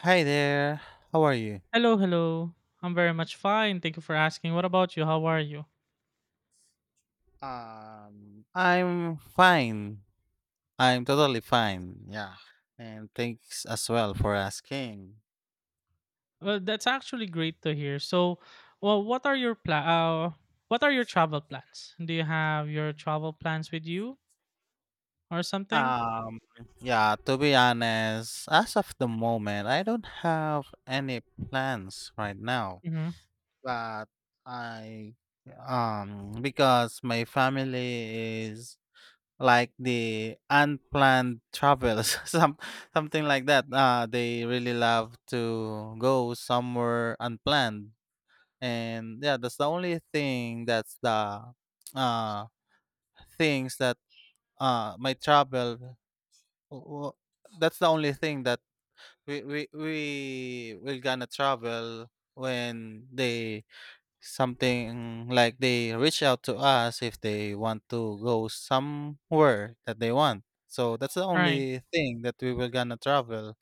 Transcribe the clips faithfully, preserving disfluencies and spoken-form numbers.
Hi there. How are you? Hello, hello. I'm very much fine. Thank you for asking. What about you? How are you? Um, I'm fine. I'm totally fine. Yeah. And thanks as well for asking. Well, that's actually great to hear. So, well, what are your pla- uh, what are your travel plans? Do you have your travel plans with you or something? Um, yeah, to be honest, as of the moment, I don't have any plans right now. Mm-hmm. But I um because my family is like the unplanned travels, some something like that, uh they really love to go somewhere unplanned, and yeah, that's the only thing, that's the uh things that uh my travel w- w- that's the only thing that we we we will gonna travel when they, something like they reach out to us if they want to go somewhere that they want. So that's the Right. only thing that we were gonna travel.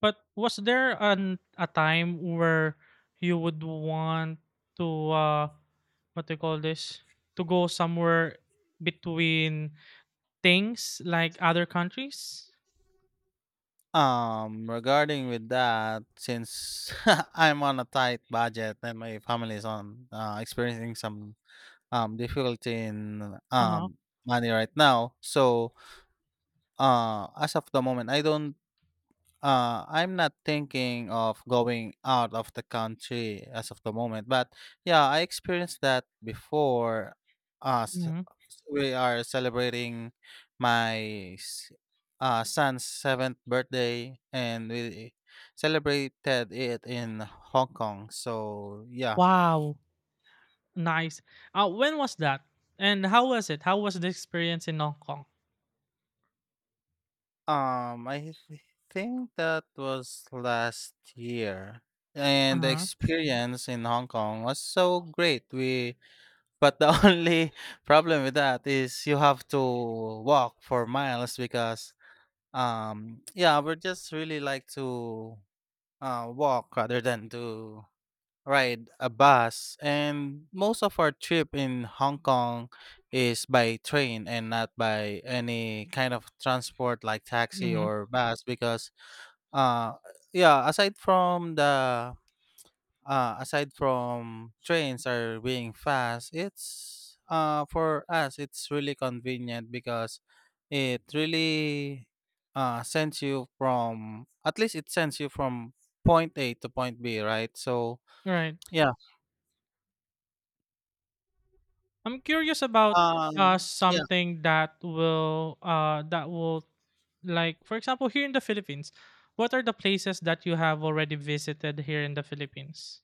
But was there an a time where you would want to uh what do you call this? To go somewhere between things like other countries? Um, regarding with that, since I'm on a tight budget and my family is on, uh, experiencing some um difficulty in Uh-huh. um money right now, so uh, as of the moment, I don't. Uh, I'm not thinking of going out of the country as of the moment, but yeah, I experienced that before. Us, Mhm. we are celebrating my s- uh, son's seventh birthday, and we celebrated it in Hong Kong. So yeah, Wow, nice. Uh, when was that? And how was it? How was the experience in Hong Kong? um, I th- think that was last year, and the Uh-huh. experience in Hong Kong was so great. We. But the only problem with that is you have to walk for miles because, um yeah, we just really like to uh walk rather than to ride a bus. And most of our trip in Hong Kong is by train and not by any kind of transport like taxi Mhm. or bus because, uh yeah, aside from the, uh, aside from trains are being fast, it's, uh, for us it's really convenient because it really, uh, sends you from, at least it sends you from point A to point B, right? So Right. yeah, I'm curious about uh um, yeah. something that will uh that will like for example here in the Philippines, what are the places that you have already visited here in the Philippines?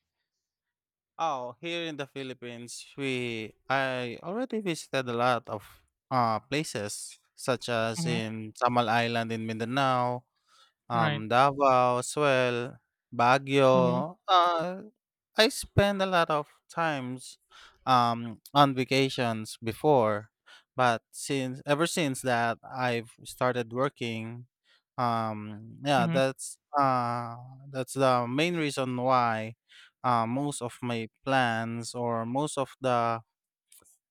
Oh, here in the Philippines, we I already visited a lot of uh places such as Mhm. in Samal Island in Mindanao. Right. Um, Davao as well, Mhm. Baguio. Uh, I spend a lot of times um, on vacations before, but since, ever since that I've started working, um, yeah, Mhm. that's, uh, that's the main reason why uh, most of my plans or most of the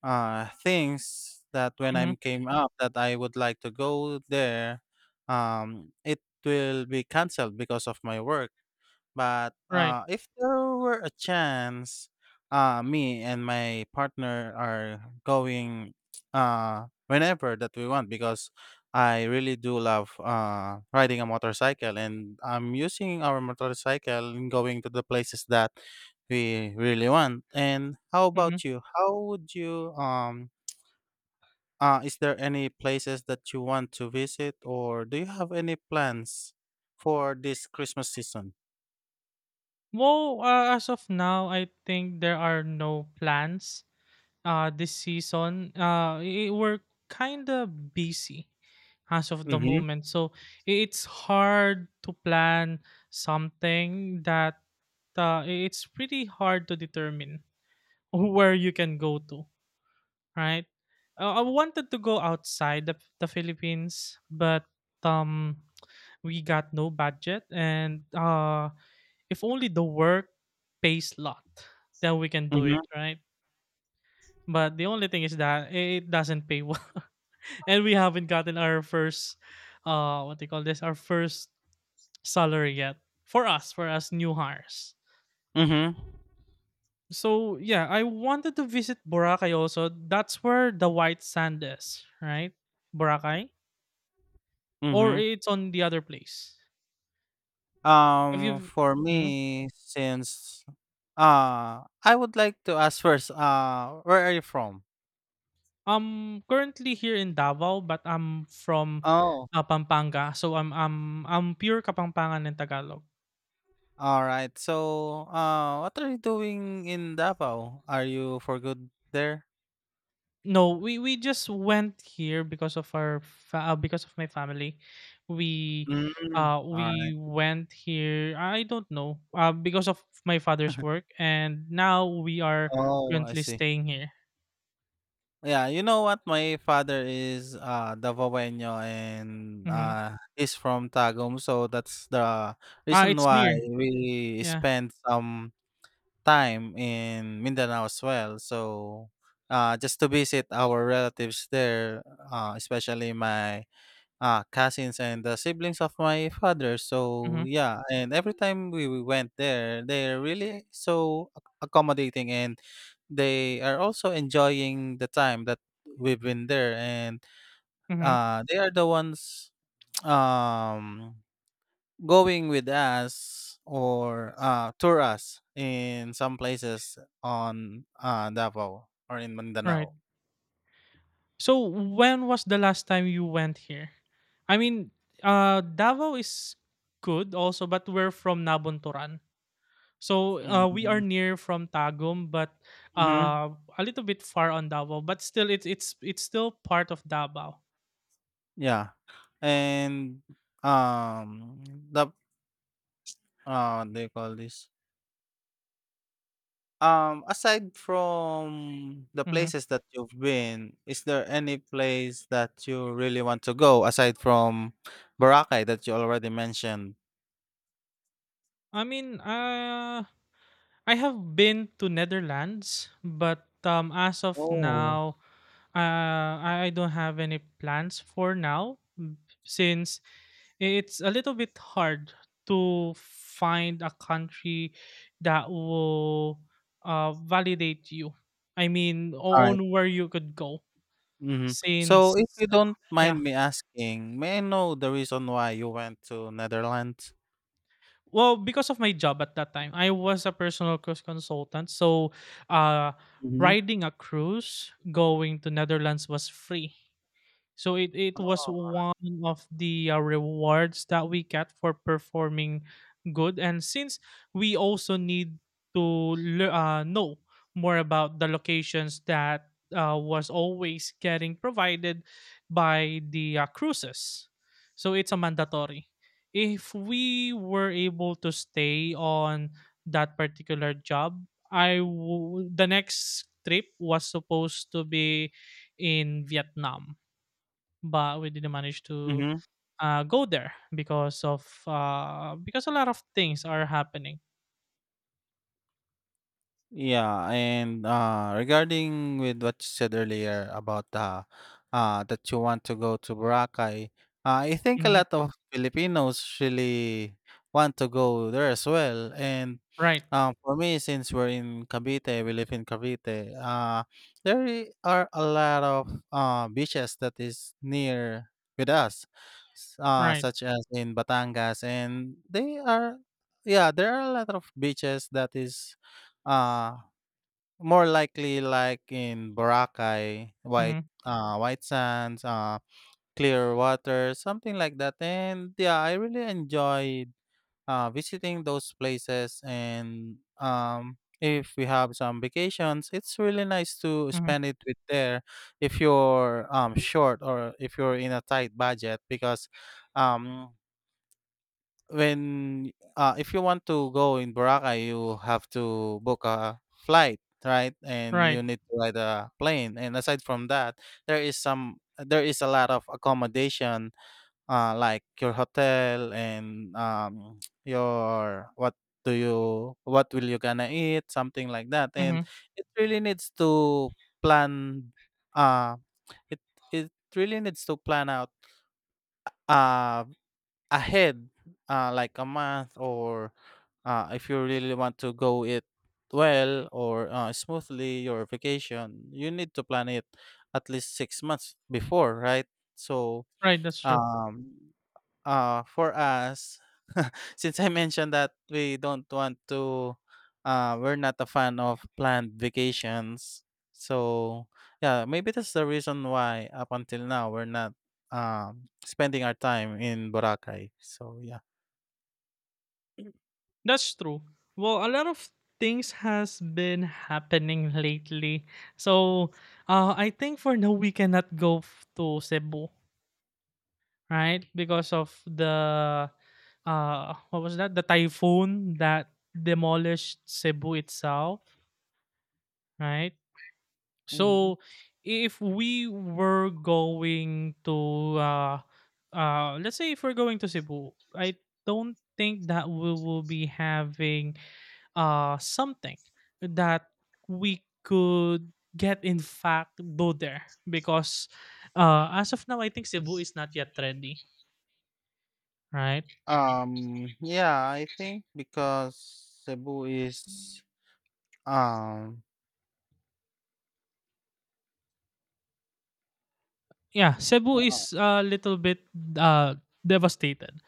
uh, things that when I'm Mhm. came up that I would like to go there, um, it will be canceled because of my work. But, Right. uh, if there were a chance, uh, me and my partner are going, uh, whenever that we want, because I really do love, uh, riding a motorcycle, and I'm using our motorcycle and going to the places that we really want. And how Mhm. about you? How would you, um, uh, is there any places that you want to visit, or do you have any plans for this Christmas season? Well, uh, as of now, I think there are no plans uh this season uh i- we're kind of busy as of the Mm-hmm. moment, so i- it's hard to plan something that uh, i- it's pretty hard to determine where you can go to, right? Uh, i wanted to go outside the, the Philippines, but um we got no budget, and uh if only the work pays lot, then we can do it, Mm-hmm. right? But the only thing is that it doesn't pay well. And we haven't gotten our first uh what they call this, our first salary yet. For us, for us new hires. Mhm, So yeah, I wanted to visit Boracay also. That's where the white sand is, right? Boracay? Or mhm. it's on the other place. Have Um, you, for mm? me, since uh, I would like to ask first, uh, where are you from? I'm currently here in Davao, but I'm from Oh, uh, Pampanga. So I'm I'm I'm pure Kapampangan and Tagalog. all right. So, uh, what are you doing in Davao? Are you for good there? No, we we just went here because of our fa- uh, because of my family. We Mm, uh all right. we went here. I don't know. Uh, because of my father's work, and now we are Oh, I currently see. staying here. Yeah, you know what? My father is uh Davaoeno, and Mm-hmm. uh he's from Tagum, so that's the Ah, reason it's why near. we Yeah. spend some time in Mindanao as well. So uh, just to visit our relatives there, uh, especially my uh, cousins and the siblings of my father. So Mm-hmm. yeah, and every time we, we went there, they're really so ac- accommodating, and they are also enjoying the time that we've been there, and Mm-hmm. uh, they are the ones, um going with us, or uh, tour us in some places on uh, Davao or in Right. Mindanao. So when was the last time you went here? I mean, uh, Davao is good also, but we're from Nabuntoran. So uh, we Mm-hmm. are near from Tagum, but uh, a little bit far on Davao. But still, it's it's it's still part of Davao. Yeah, and um, the, uh, what do you call this? Um, aside from the Mhm. places that you've been, is there any place that you really want to go aside from Boracay that you already mentioned? I mean, uh, I have been to Netherlands, but um, as of Oh, now, uh, I I don't have any plans for now m- since it's a little bit hard to find a country that will uh, validate you. I mean, all o- right. on where you could go. Mhm. So if Since, you uh, don't mind yeah. me asking, may I know the reason why you went to Netherlands? Well, because of my job at that time, I was a personal cruise consultant. So, uh, Mhm. riding a cruise going to Netherlands was free. So it, it was Oh. one of the uh, rewards that we got for performing good. And since we also need to lear- uh, know more about the locations that uh, was always getting provided by the uh, cruises, so it's a mandatory. If we were able to stay on that particular job, I w- the next trip was supposed to be in Vietnam, but we didn't manage to Mhm. uh, go there because of uh, because a lot of things are happening. Yeah, and uh regarding with what you said earlier about, uh, uh that you want to go to Boracay, uh, I think a Hmm. lot of Filipinos really want to go there as well. And Right, Um, for me, since we're in Cavite, we live in Cavite. Uh, there i- are a lot of uh, beaches that is near with us, s- uh, right. such as in Batangas, and they are, yeah, there are a lot of beaches that is, uh, more likely like in Boracay, White, Hmm. uh, White Sands, uh, Clear Water, something like that. And yeah, I really enjoy uh, visiting those places, and um, if we have some vacations it's really nice to Hmm. spend it with there if you're um, short, or if you're in a tight budget, because um, when uh, if you want to go in Boracay you have to book a flight, right? And Right. you need to ride a plane, and aside from that there is some, there is a lot of accommodation, uh, like your hotel, and um, your, what do you, what will you gonna eat, something like that. Hmm. And it really needs to plan, uh it it really needs to plan out uh ahead, uh like a month, or uh if you really want to go it well, or uh, smoothly your vacation, you need to plan it at least six months before, right? So, Right. That's true. um uh for us. Since I mentioned that we don't want to, uh, we're not a fan of planned vacations. So yeah, maybe that's the reason why up until now we're not um, spending our time in Boracay. So yeah. That's true. Well, a lot of things has been happening lately, so uh, I think for now we cannot go f- to Cebu, right? Because of the uh, what was that? The typhoon that demolished Cebu itself, right? Mhm. So if we were going to uh uh let's say if we're going to Cebu, I don't think that we will be having uh something that we could get in fact do there, because uh as of now I think Cebu is not yet ready, right? Um, yeah, I think because Cebu is um Yeah, Cebu Uh, is a little bit uh devastated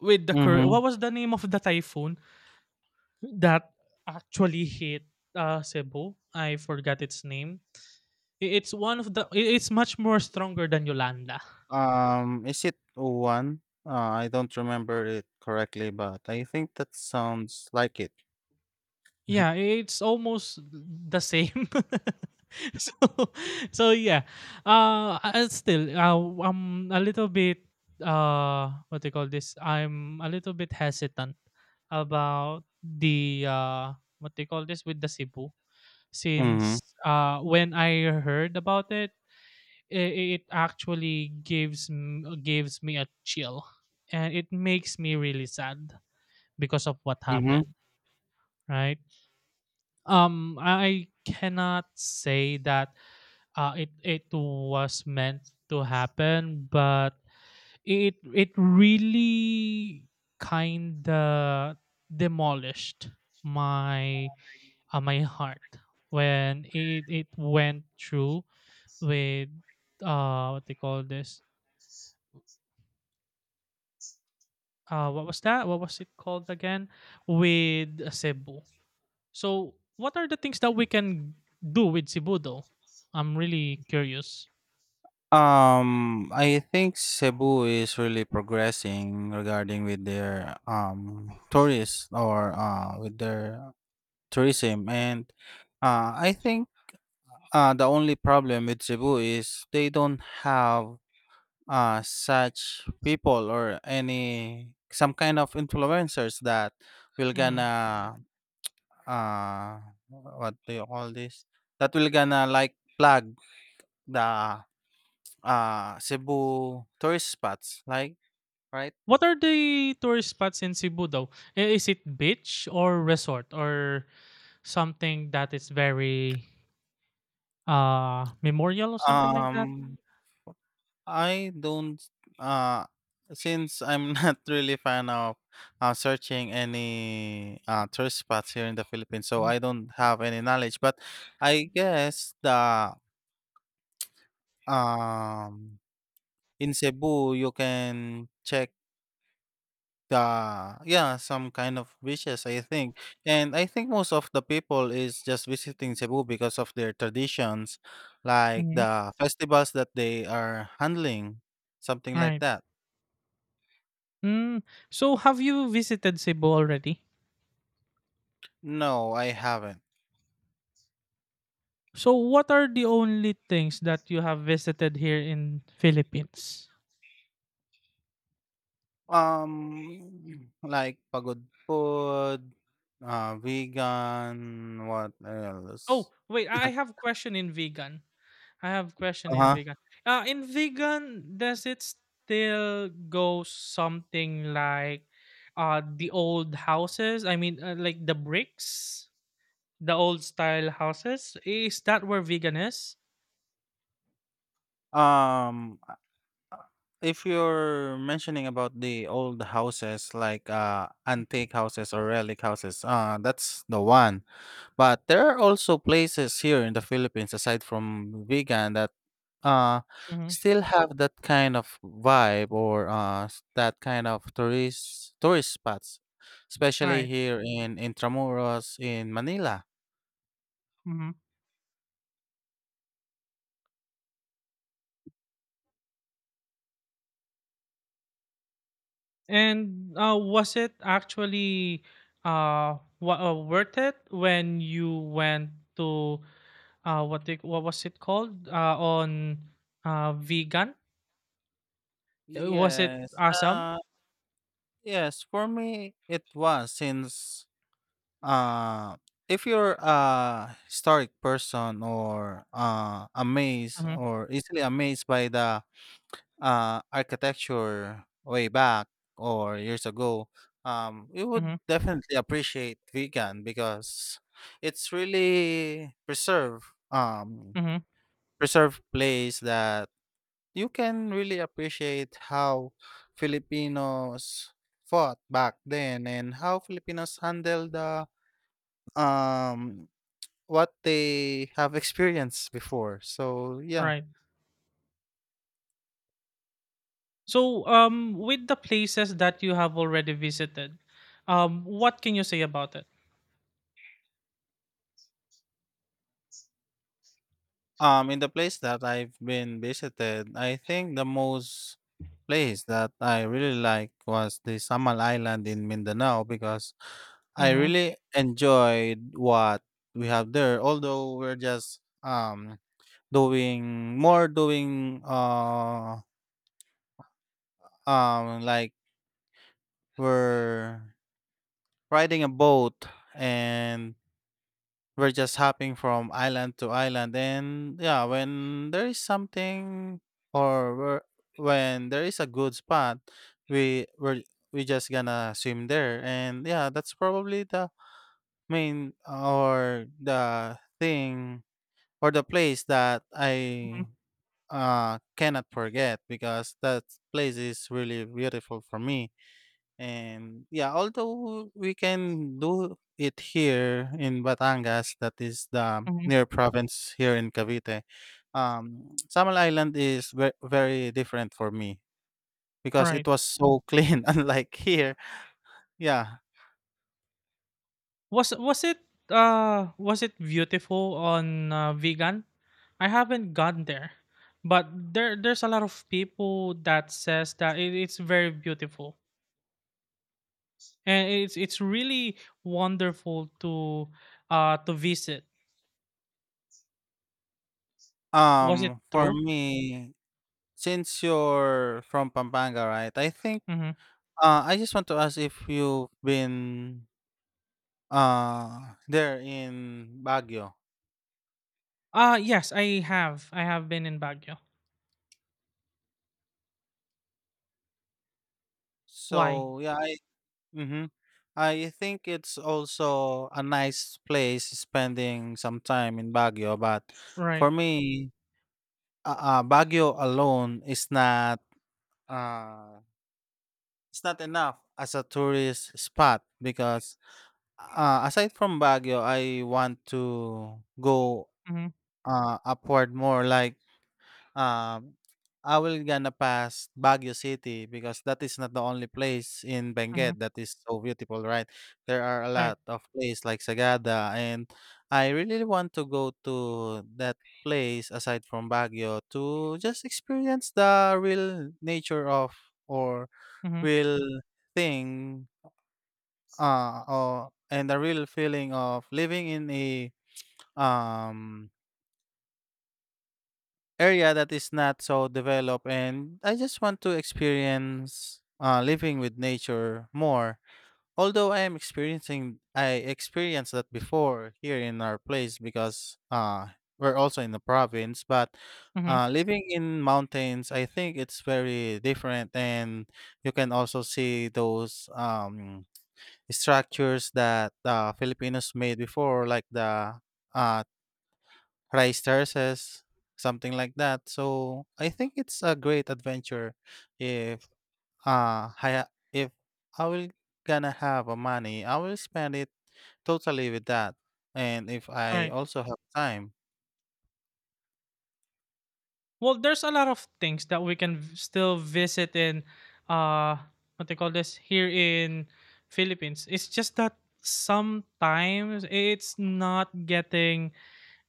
with the current. hmm, What was the name of the typhoon that actually hit uh, Cebu. I forgot its name. I- It's one of the. i- It's much more stronger than Yolanda. um is it one? Uh, I don't remember it correctly, but I think that sounds like it. Yeah, it's almost the same. so, so yeah. Uh, I- still, uh, I'm a little bit. Uh, what do you call this? I'm a little bit hesitant about the uh, what do you call this with the Cebu, Mm-hmm. since uh when I heard about it, it, it actually gives m- gives me a chill, and it makes me really sad because of what happened, right. um I cannot say that uh, it it was meant to happen, but it it really kind of demolished my uh, my heart when it it went through with uh what they call this, uh what was that? What was it called again? With uh, Cebu. So what are the things that we can do with Cebu though? I'm really curious. Um, I think Cebu is really progressing regarding with their um tourists, or uh with their tourism, and uh I think uh the only problem with Cebu is they don't have uh such people or any some kind of influencers that will Hmm. gonna, uh what do you call this, that will gonna like plug the uh Cebu tourist spots, like. Right? What are the tourist spots in Cebu though? I- Is it beach or resort or something that is very uh memorial or something like that? Um, I don't. uh since I'm not really fan of uh, searching any uh, tourist spots here in the Philippines, so Mm-hmm. I don't have any knowledge. But I guess the, um in Cebu you can check. Uh, yeah, some kind of wishes, I think. And I think most of the people is just visiting Cebu because of their traditions, like Mm-hmm. the festivals that they are handling, something like Right. that. Mm. So have you visited Cebu already? No, I haven't. So what are the only things that you have visited here in Philippines? Um, like pagod food, uh, vegan, what else? Oh, wait, I I have a question in vegan. I have a question in Uh-huh. vegan. Uh, in vegan, does it still go something like uh the old houses? I mean, uh, like the bricks, the old style houses. Is that where vegan is? Um, If you're mentioning about the old houses, like uh, antique houses or relic houses, uh, that's the one. But there are also places here in the Philippines, aside from vegan, that uh, Mm-hmm. still have that kind of vibe, or uh, s- that kind of tourist tourist spots, All especially right. here in Intramuros in Manila. Mm-hmm. And uh, was it actually uh, wa uh worth it when you went to uh what they, what was it called uh on uh vegan? Uh, Was it Yes, awesome? uh, yes. For me, it was, since uh if you're a historic person, or uh amazed Mhm, or easily amazed by the uh architecture way back or years ago, um you would mhm, definitely appreciate vegan because it's really preserve um mhm, preserved place that you can really appreciate how Filipinos fought back then, and how Filipinos handled the um what they have experienced before. So yeah, right. So, um, with the places that you have already visited, um, what can you say about it? um, in the place that I've been visited, I think the most place that I really like was the Samal Island in Mindanao, because I Mm-hmm, really enjoyed what we have there. Although we're just um doing more, doing uh um like we're riding a boat, and. We're just hopping from island to island, and yeah, when there is something, or we're, when there is a good spot, we we're we just gonna swim there, and yeah, that's probably the main, or the thing, or the place that mm-hmm, I uh cannot forget, because that place is really beautiful for me. And yeah, although we can do it here in Batangas, that is the mm-hmm, near province here in Cavite, um, Samal Island is ve- very different for me, because it right. was so clean, unlike here. Yeah. Was was it uh was it beautiful on uh, vegan? I haven't gone there, but there there's a lot of people that says that it, it's very beautiful, and it's it's really wonderful to uh to visit. Was it Um, for true? me, since you're from Pampanga, right? I think Mm-hmm. uh, I just want to ask if you've been uh there in Baguio. Uh yes, I have. I have been in Baguio. Why? So yeah, I. Mm-hmm. I think it's also a nice place spending some time in Baguio, but Right. for me, uh, uh, Baguio alone is not, uh, it's not enough as a tourist spot, because uh, aside from Baguio, I want to go Mhm. uh, upward more, like. Um, I will gonna pass Baguio City, because that is not the only place in Benguet Mhm. that is so beautiful, right? There are a Right. lot of places like Sagada, and I really want to go to that place aside from Baguio to just experience the real nature of or Mhm. real thing uh or and the real feeling of living in a um area that is not so developed, and I just want to experience uh, living with nature more. Although I am experiencing I experienced that before here in our place because uh we're also in the province, but Mhm. uh, living in mountains, I think it's very different, and you can also see those um, structures that uh, Filipinos made before, like the uh, rice terraces, something like that. So I think it's a great adventure if uh I, if I will gonna have a money, I will spend it totally with that. And if I Right. also have time, Well, there's a lot of things that we can v- still visit in uh what they call this here in Philippines. It's just that sometimes it's not getting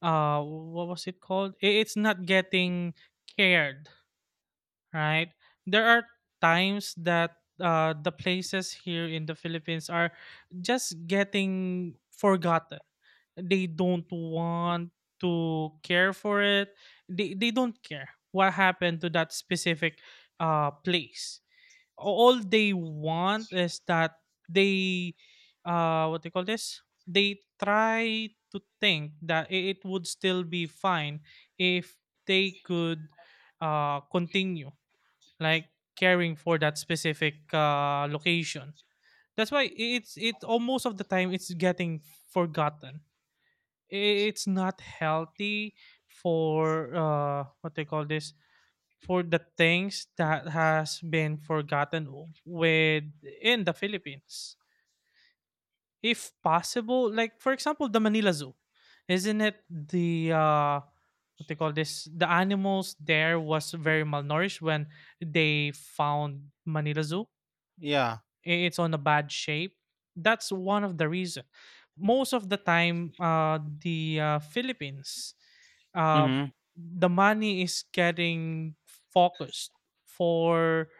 uh what was it called? I- It's not getting cared, right? There are times that uh, the places here in the Philippines are just getting forgotten. They don't want to care for it. They they don't care what happened to that specific uh, place. All they want is that they uh, what they call this? They try to think that i- it would still be fine if they could uh, continue like caring for that specific uh, location. That's why it's it all most of the time it's getting forgotten. I- It's not healthy for uh, what they call this, for the things that has been forgotten with in the Philippines. If possible, like for example, the Manila Zoo, isn't it the uh, what they call this? The animals there was very malnourished when they found Manila Zoo. yeah. I- it's on a bad shape. That's one of the reason most of the time uh the uh, Philippines, uh Mm-hmm. the money is getting focused for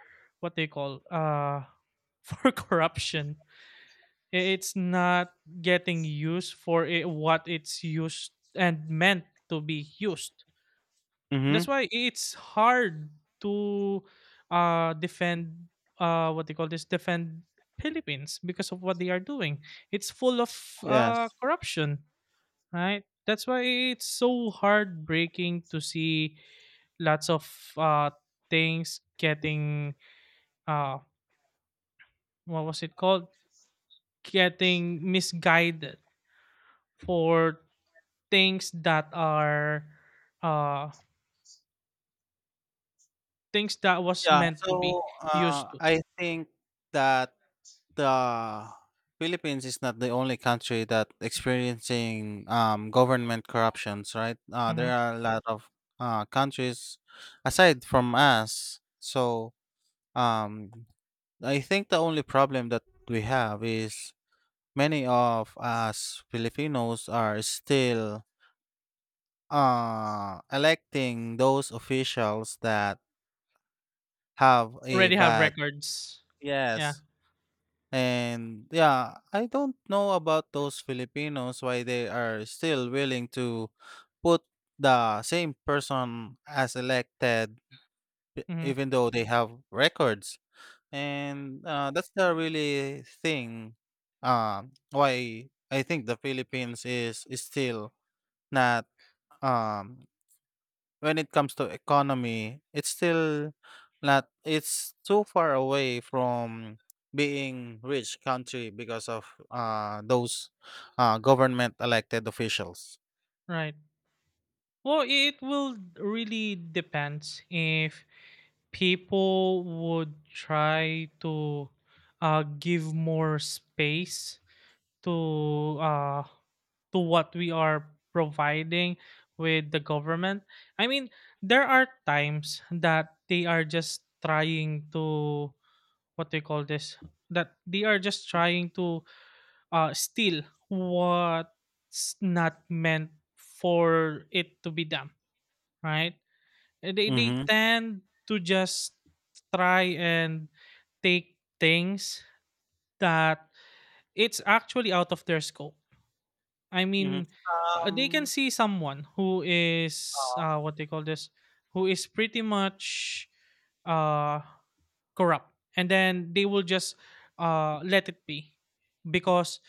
what they call uh for corruption. I- it's not getting used for it, what it's used and meant to be used. Mm-hmm. That's why it's hard to uh, defend, uh, what they call this, defend Philippines because of what they are doing. It's full of uh, Yes. corruption, right? That's why it's so heartbreaking to see lots of uh, things getting uh, what was it called? Getting misguided for things that are uh, things that was Yeah. meant to So be uh, used to. I think that the Philippines is not the only country that experiencing um, government corruptions, right? Uh, there Mhm. are a lot of uh, countries aside from us. So um, I think the only problem that we have is many of us Filipinos are still uh, electing those officials that have a Already have bad, records. Yeah. yes. And yeah, I don't know about those Filipinos why they are still willing to put the same person as elected, e- Mhm. even though they have records. And uh, that's the really thing, um, why I think the Philippines is, is still not, um, when it comes to economy, it's still not it's too far away from being rich country because of uh, those uh, government elected officials. Right. Well, it will really depends if people would try to uh, give more space to uh, to what we are providing with the government. I mean, there are times that they are just trying to what do you call this? That they are just trying to uh, still, what's not meant for it to be done, right? Uh, They, they Mm-hmm. tend to just try and take things that it's actually out of their scope. I Mm-hmm. mean, uh, they can Um, see someone who is, uh, what they call this, who is pretty much uh corrupt, and then they will just uh let it be because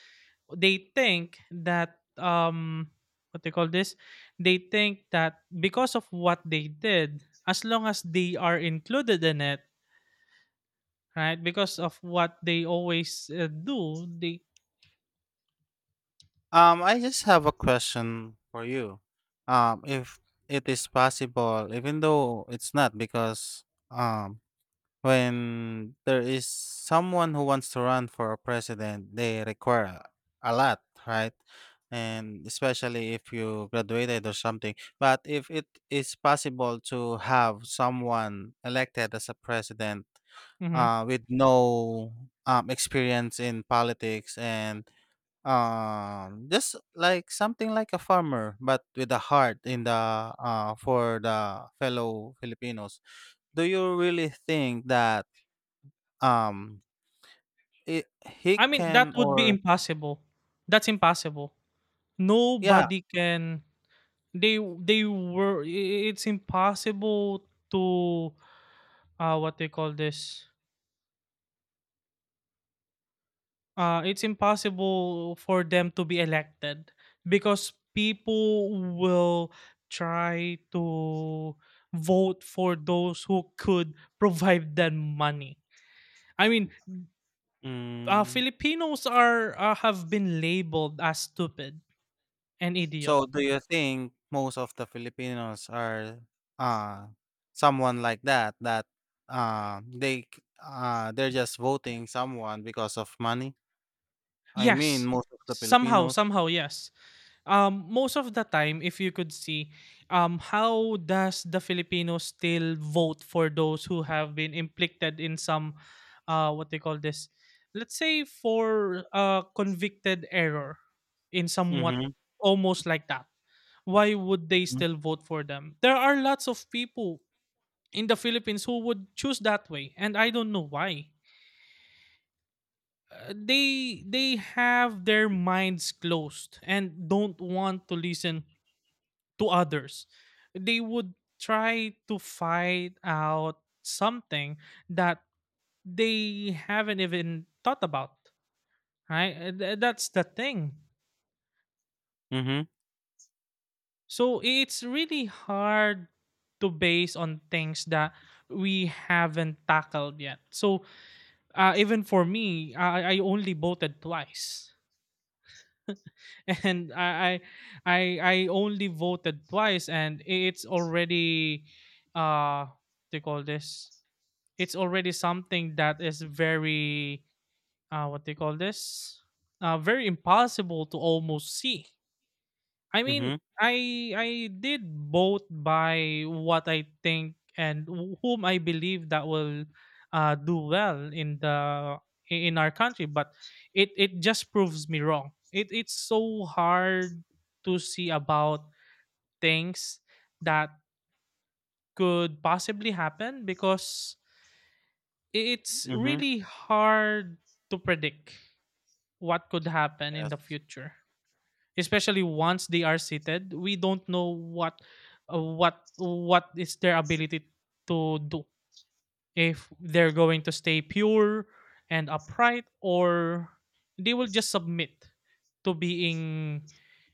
they think that um what they call this, they think that because of what they did as long as they are included in it, right, because of what they always uh, do they. uh, um, I just have a question for you. Um, if it is possible, even though it's not, because um, when there is someone who wants to run for a president, they require a, a lot, right? And especially if you graduated or something. But if it is possible to have someone elected as a president Mhm. uh, with no um, experience in politics and um, just like something like a farmer, but with a heart in the uh, for the fellow Filipinos, do you really think that? Um, it he I mean that can would be or impossible. That's impossible. yeah. Nobody can. They they were I- I- It's impossible to uh what they call this, uh, it's impossible for them to be elected because people will try to vote for those who could provide them money. I mean, uh, Mm. Filipinos are uh, have been labeled as stupid and idiot. So do you think most of the Filipinos are, uh, someone like that, that, uh, they c uh, they're just voting someone because of money? I mean, Yes. most of the Somehow, Filipinos. somehow, yes. Um, most of the time, if you could see, um, how does the Filipinos still vote for those who have been implicted in some, uh, what they call this? Let's say for uh, convicted error in somewhat Mhm, almost like that. Why would they mhm, still vote for them? There are lots of people in the Philippines who would choose that way, and I don't know why uh, they they have their minds closed and don't want to listen to others. They would try to find out something that they haven't even thought about, right. Uh, th- that's the thing, mhm, so it's really hard to base on things that we haven't tackled yet, so uh, even for me I, I only voted twice. And I I I I only voted twice, and it's already uh what they call this. It's already something that is very uh what they call this, uh very impossible to almost see. I mean, mhm, I I did both by what I think and wh- whom I believe that will uh, do well in the i- in our country, but it it just proves me wrong. It it's so hard to see about things that could possibly happen, because i- it's mhm. really hard to predict what could happen in the Yes. future. Especially once they are seated, we don't know what uh, what what is their ability to do, if they're going to stay pure and upright, or they will just submit to being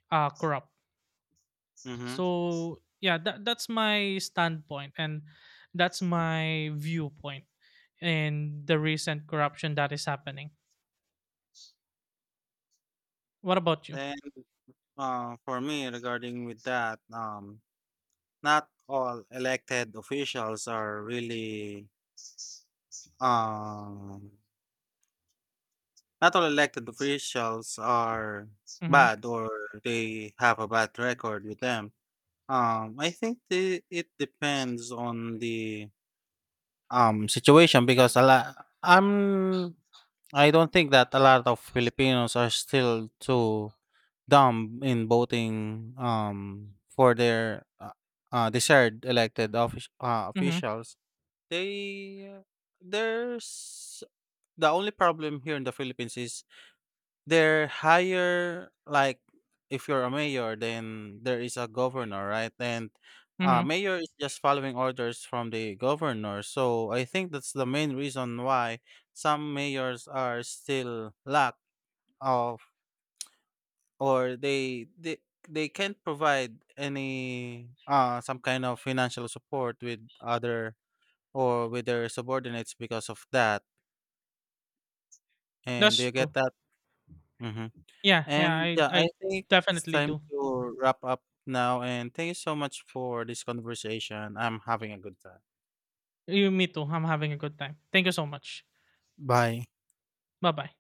uh, corrupt. Mhm. So yeah, that, that's my standpoint, and that's my viewpoint in the recent corruption that is happening. What about you? Then, uh, for me regarding with that, um, not all elected officials are really, um not all elected officials are Mm-hmm, bad, or they have a bad record with them. Um, I think the, it depends on the um situation because a lot I'm I don't think that a lot of Filipinos are still too dumb in voting um for their uh, uh desired elected offic- uh, mm-hmm, officials. They uh, there's the only problem here in the Philippines is they're higher, like if you're a mayor, then there is a governor, right? And uh, mm-hmm. mayor is just following orders from the governor. So I think that's the main reason why some mayors are still lack of, or they they they can't provide any uh some kind of financial support with other or with their subordinates because of that. And do That's you get true. that? Mm-hmm. Yeah, yeah, And I yeah, I I think it's definitely time do. to wrap up now. And thank you so much for this conversation. I'm having a good time. You me too. I'm having a good time. Thank you so much. Bye. Bye-bye.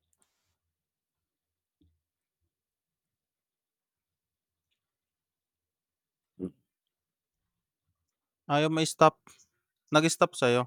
Ayaw may stop. Nag-stop sa'yo.